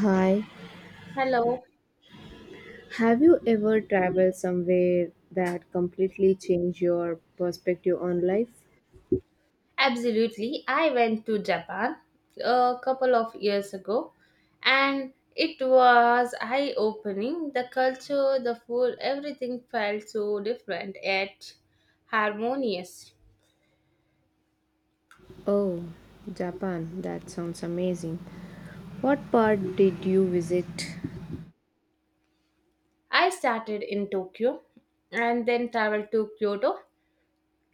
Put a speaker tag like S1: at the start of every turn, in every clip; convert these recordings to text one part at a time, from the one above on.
S1: Hi,
S2: Hello.
S1: have you ever traveled somewhere that completely changed your perspective on life?
S2: Absolutely. I went to Japan a couple of years ago, and it was eye opening. The culture, the food, everything felt so different yet harmonious.
S1: Oh, Japan, that sounds amazing. What part did you visit?
S2: I started in Tokyo and then traveled to Kyoto.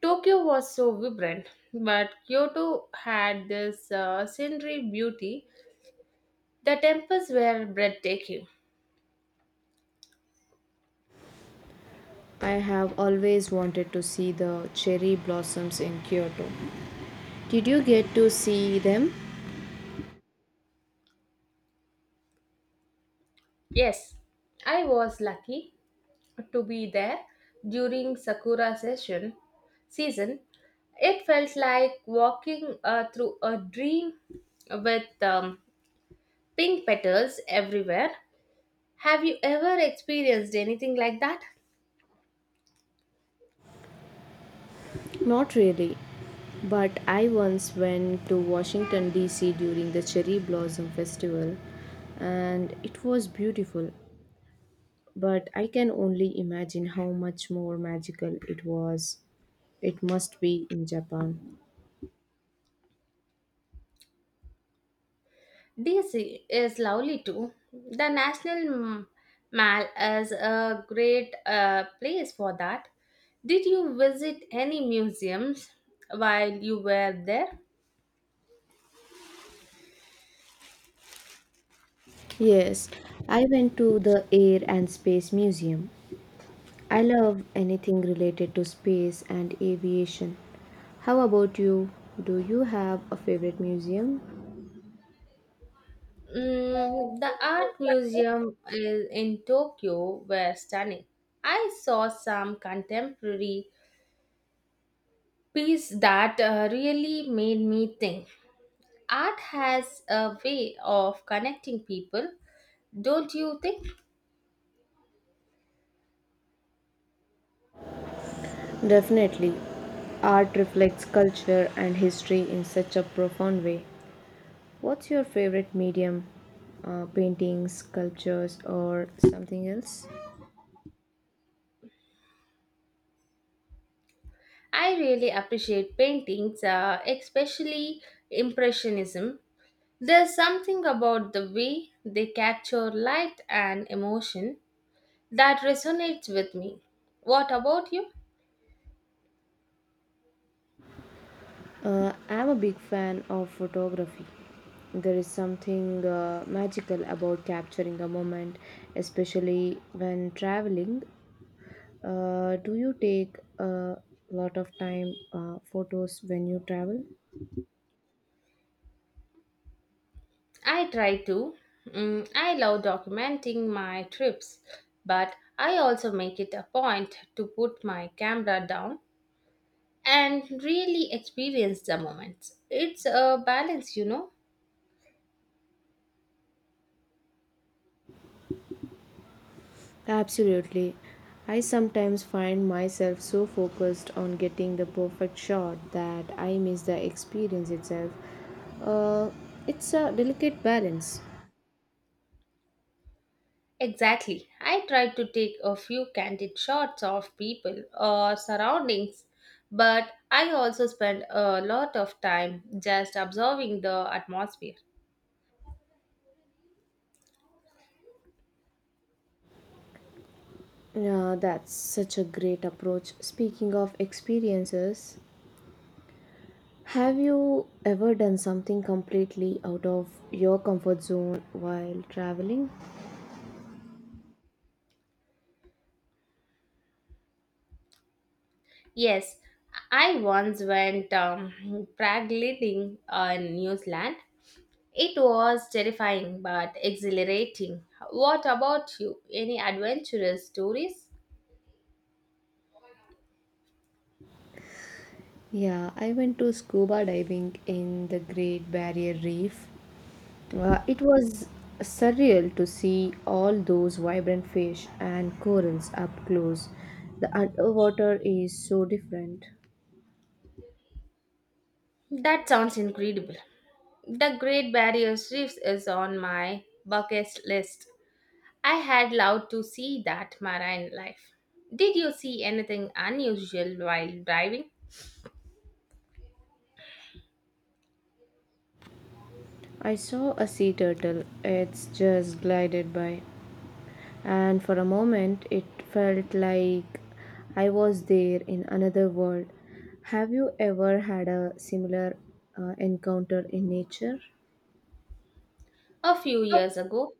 S2: Tokyo was so vibrant, but Kyoto had this scenery beauty. The temples were breathtaking.
S1: I have always wanted to see the cherry blossoms in Kyoto. Did you get to see them?
S2: Yes, I was lucky to be there during sakura session season. It felt like walking through a dream with pink petals everywhere. Have you ever experienced anything like that?
S1: Not really, but I once went to Washington DC during the cherry blossom festival and it was beautiful. But I can only imagine how much more magical it was. It must be in Japan.
S2: DC is lovely too. The national mall is a great place for that. Did you visit any museums while you were there?
S1: Yes, I went to the Air and Space Museum. I love anything related to space and aviation. How about you? Do you have a favorite museum?
S2: Mm, the art museum is in Tokyo were stunning. I saw some contemporary piece that really made me think. Art has a way of connecting people, don't you think?
S1: Definitely. Art reflects culture and history in such a profound way. What's your favorite medium? Paintings, sculptures, or something else?
S2: I really appreciate paintings, especially Impressionism. There's something about the way they capture light and emotion that resonates with me. What about you?
S1: I'm a big fan of photography. There is something magical about capturing a moment, especially when traveling. Do you take a lot of time photos when you travel?
S2: I try to. Mm, I love documenting my trips, but I also make it a point to put my camera down and really experience the moments. It's a balance, you know.
S1: Absolutely. I sometimes find myself so focused on getting the perfect shot that I miss the experience itself. Uh, it's a delicate balance.
S2: Exactly. I try to take a few candid shots of people or surroundings, but I also spend a lot of time just observing the atmosphere.
S1: Yeah, that's such a great approach. Speaking of experiences, have you ever done something completely out of your comfort zone while traveling?
S2: Yes, I once went paragliding in New Zealand. It was terrifying but exhilarating. What about you? Any adventurous stories?
S1: Yeah, I went to scuba diving in the Great Barrier Reef. It was surreal to see all those vibrant fish and corals up close. The underwater is so different.
S2: That sounds incredible. The Great Barrier Reef is on my bucket list. I had loved to see that marine life. Did you see anything unusual while driving?
S1: I saw a sea turtle, it's just glided by. And for a moment it felt like I was there in another world. Have you ever had a similar encounter in nature?
S2: A few years ago,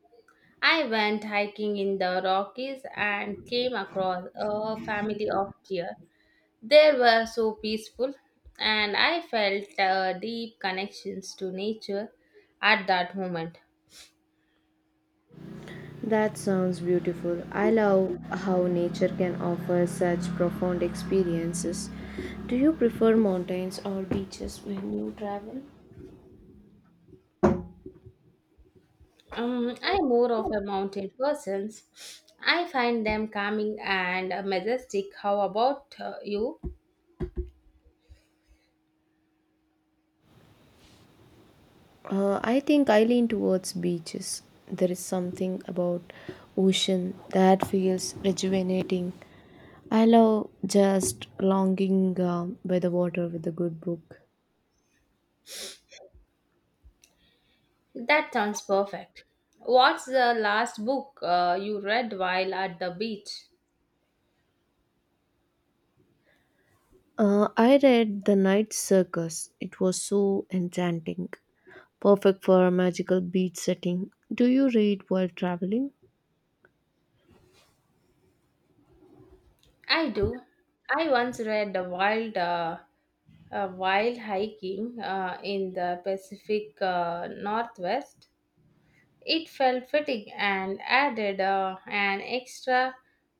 S2: I went hiking in the Rockies and came across a family of deer. They were so peaceful, and I felt deep connections to nature at that moment.
S1: That sounds beautiful. I love how nature can offer such profound experiences. Do you prefer mountains or beaches when you travel?
S2: I'm more of a mountain person. I find them calming and majestic. How about you?
S1: I think I lean towards beaches. There is something about ocean that feels rejuvenating. I love just longing by the water with a good book.
S2: That sounds perfect. What's the last book you read while at the beach?
S1: I read The Night Circus. It was so enchanting, perfect for a magical beach setting. Do you read while traveling?
S2: I do. I once read the wild hiking in the Pacific Northwest. It felt fitting and added an extra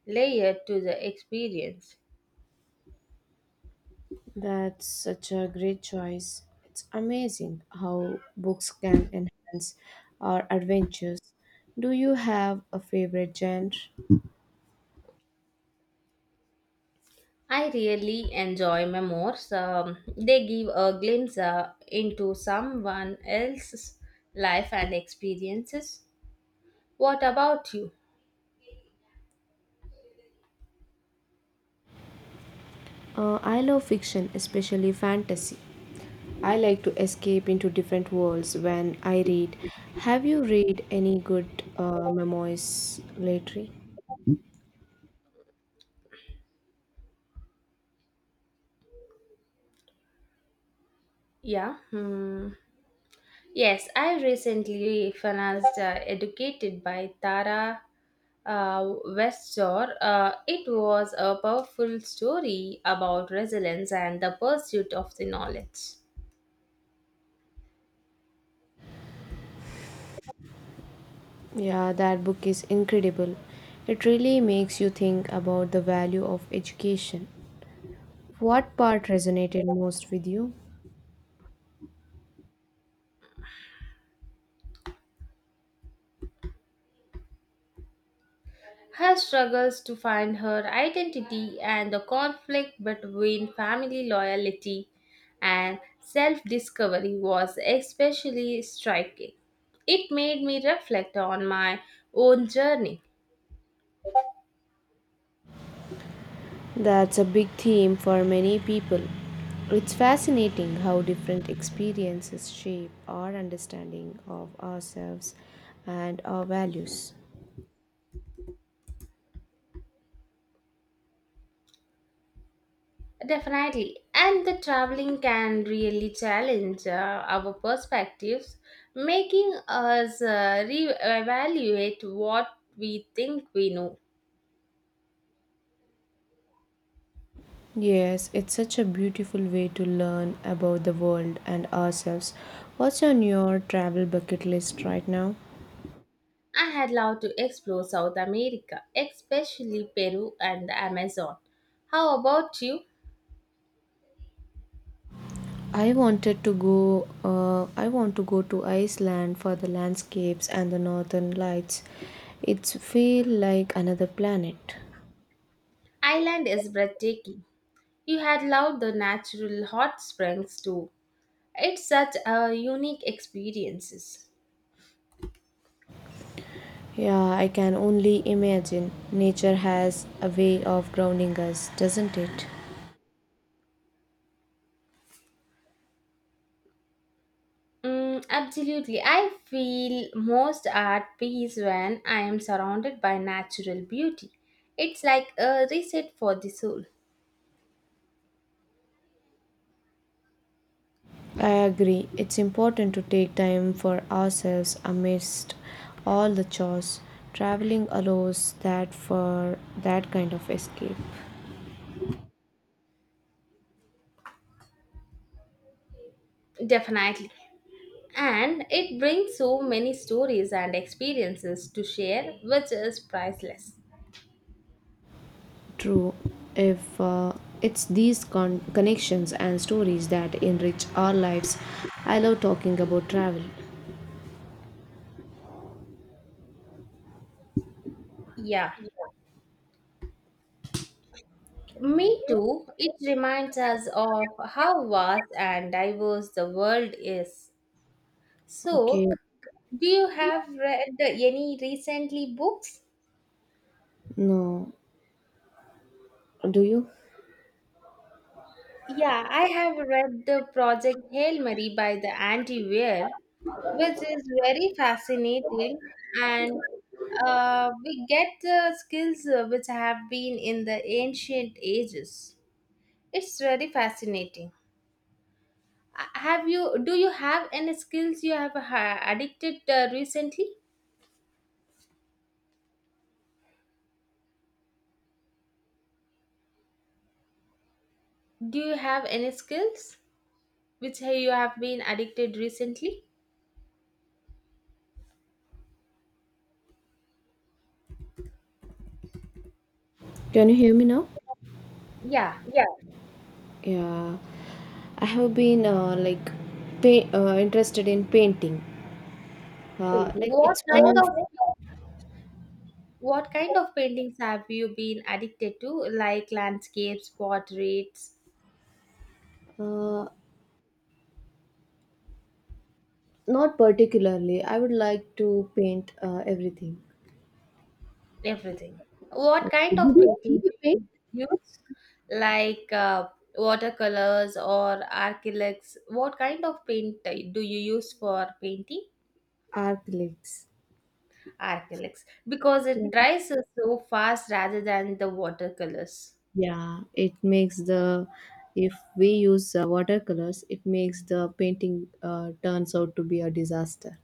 S2: layer to the experience.
S1: That's such a great choice. It's amazing how books can enhance our adventures. Do you have a favorite genre?
S2: I really enjoy memoirs. They give a glimpse into someone else's life and experiences. What about you?
S1: I love fiction, especially fantasy. I like to escape into different worlds when I read. Have you read any good memoirs lately?
S2: Yeah. Hmm. Yes, I recently financed Educated by Tara Westzor. It was a powerful story about resilience and the pursuit of the knowledge.
S1: Yeah, that book is incredible. It really makes you think about the value of education. What part resonated most with you?
S2: Her struggles to find her identity and the conflict between family loyalty and self discovery was especially striking. It made me reflect on my own journey.
S1: That's a big theme for many people. It's fascinating how different experiences shape our understanding of ourselves and our values.
S2: Definitely. And the traveling can really challenge our perspectives, making us reevaluate what we think we know.
S1: Yes, it's such a beautiful way to learn about the world and ourselves. What's on your travel bucket list right now?
S2: I had loved to explore South America, especially Peru and the Amazon. How about you?
S1: I want to go to Iceland for the landscapes and the northern lights. It's feel like another planet.
S2: Island is breathtaking. You had loved the natural hot springs too. It's such a unique experiences.
S1: Yeah, I can only imagine. Nature has a way of grounding us, doesn't it?
S2: Mm, absolutely. I feel most at peace when I am surrounded by natural beauty. It's like a reset for the soul.
S1: I agree. It's important to take time for ourselves amidst all the chores. Traveling allows that kind of escape.
S2: Definitely. And it brings so many stories and experiences to share, which is priceless.
S1: True, if it's these connections and stories that enrich our lives. I love talking about travel.
S2: Yeah. Me too. It reminds us of how vast and diverse the world is.
S1: Okay,
S2: So, do you have read any recently books?
S1: no. Do you?
S2: Yeah, I have read the project Hail Mary by the Andy Weir, which is very fascinating, and we get the skills which have been in the ancient ages. It's very fascinating. Have you? Do you have any skills you have addicted recently? Do you have any skills which you have been addicted recently?
S1: Can you hear me now?
S2: Yeah,
S1: Yeah, I have been like interested in painting.
S2: painting.
S1: Like it's one of
S2: What kind of paintings have you been addicted to? Like landscapes, portraits,
S1: uh, not particularly. I would like to paint everything.
S2: everything. What
S1: Okay.
S2: kind
S1: Do
S2: of
S1: you, do
S2: painting
S1: you
S2: do
S1: paint
S2: you use? Like watercolors or acrylics? What kind of paint do you use for painting?
S1: acrylics?
S2: Acrylics. Because
S1: Yeah.
S2: it dries so fast rather than the watercolors.
S1: Yeah, it makes the If we use watercolors, it makes the painting turns out to be a disaster.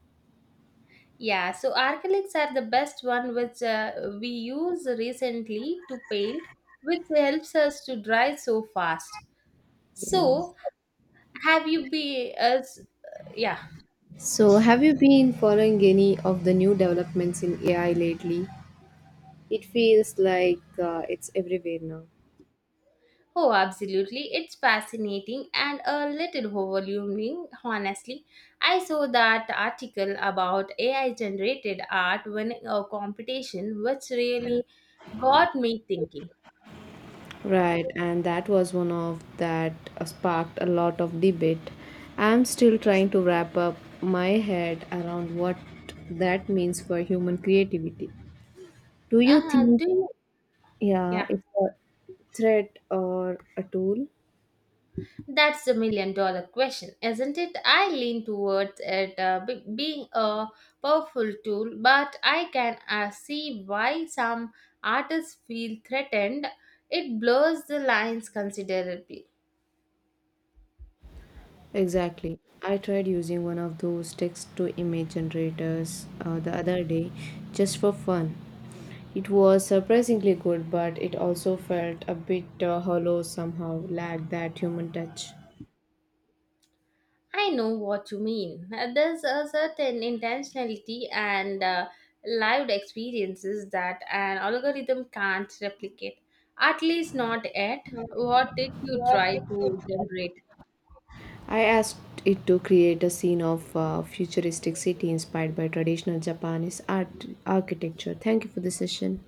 S2: Yeah, so acrylics are the best one which we use recently to paint, which helps us to dry so fast.
S1: Yeah.
S2: So, have you been? As yeah.
S1: So, have you been following any of the new developments in AI lately? It feels like it's everywhere now.
S2: Oh, absolutely. It's fascinating and a little overwhelming, honestly. I saw that article about AI generated art winning a competition, which really got me thinking.
S1: Right, and that was one of that sparked a lot of debate. I'm still trying to wrap up my head around what that means for human creativity. Do you think,
S2: Do you?
S1: yeah,
S2: Yeah.
S1: it's a threat or a tool?
S2: That's the million dollar question, isn't it? I lean towards it being a powerful tool, but I can see why some artists feel threatened. It blurs the lines considerably.
S1: Exactly. I tried using one of those text to image generators the other day just for fun. It was surprisingly good, but it also felt a bit hollow somehow, lacked that human touch.
S2: I know what you mean. There's a certain intentionality and lived experiences that an algorithm can't replicate, at least not yet. What did you try to generate?
S1: I asked it to create a scene of a futuristic city inspired by traditional Japanese art architecture. Thank you for the session.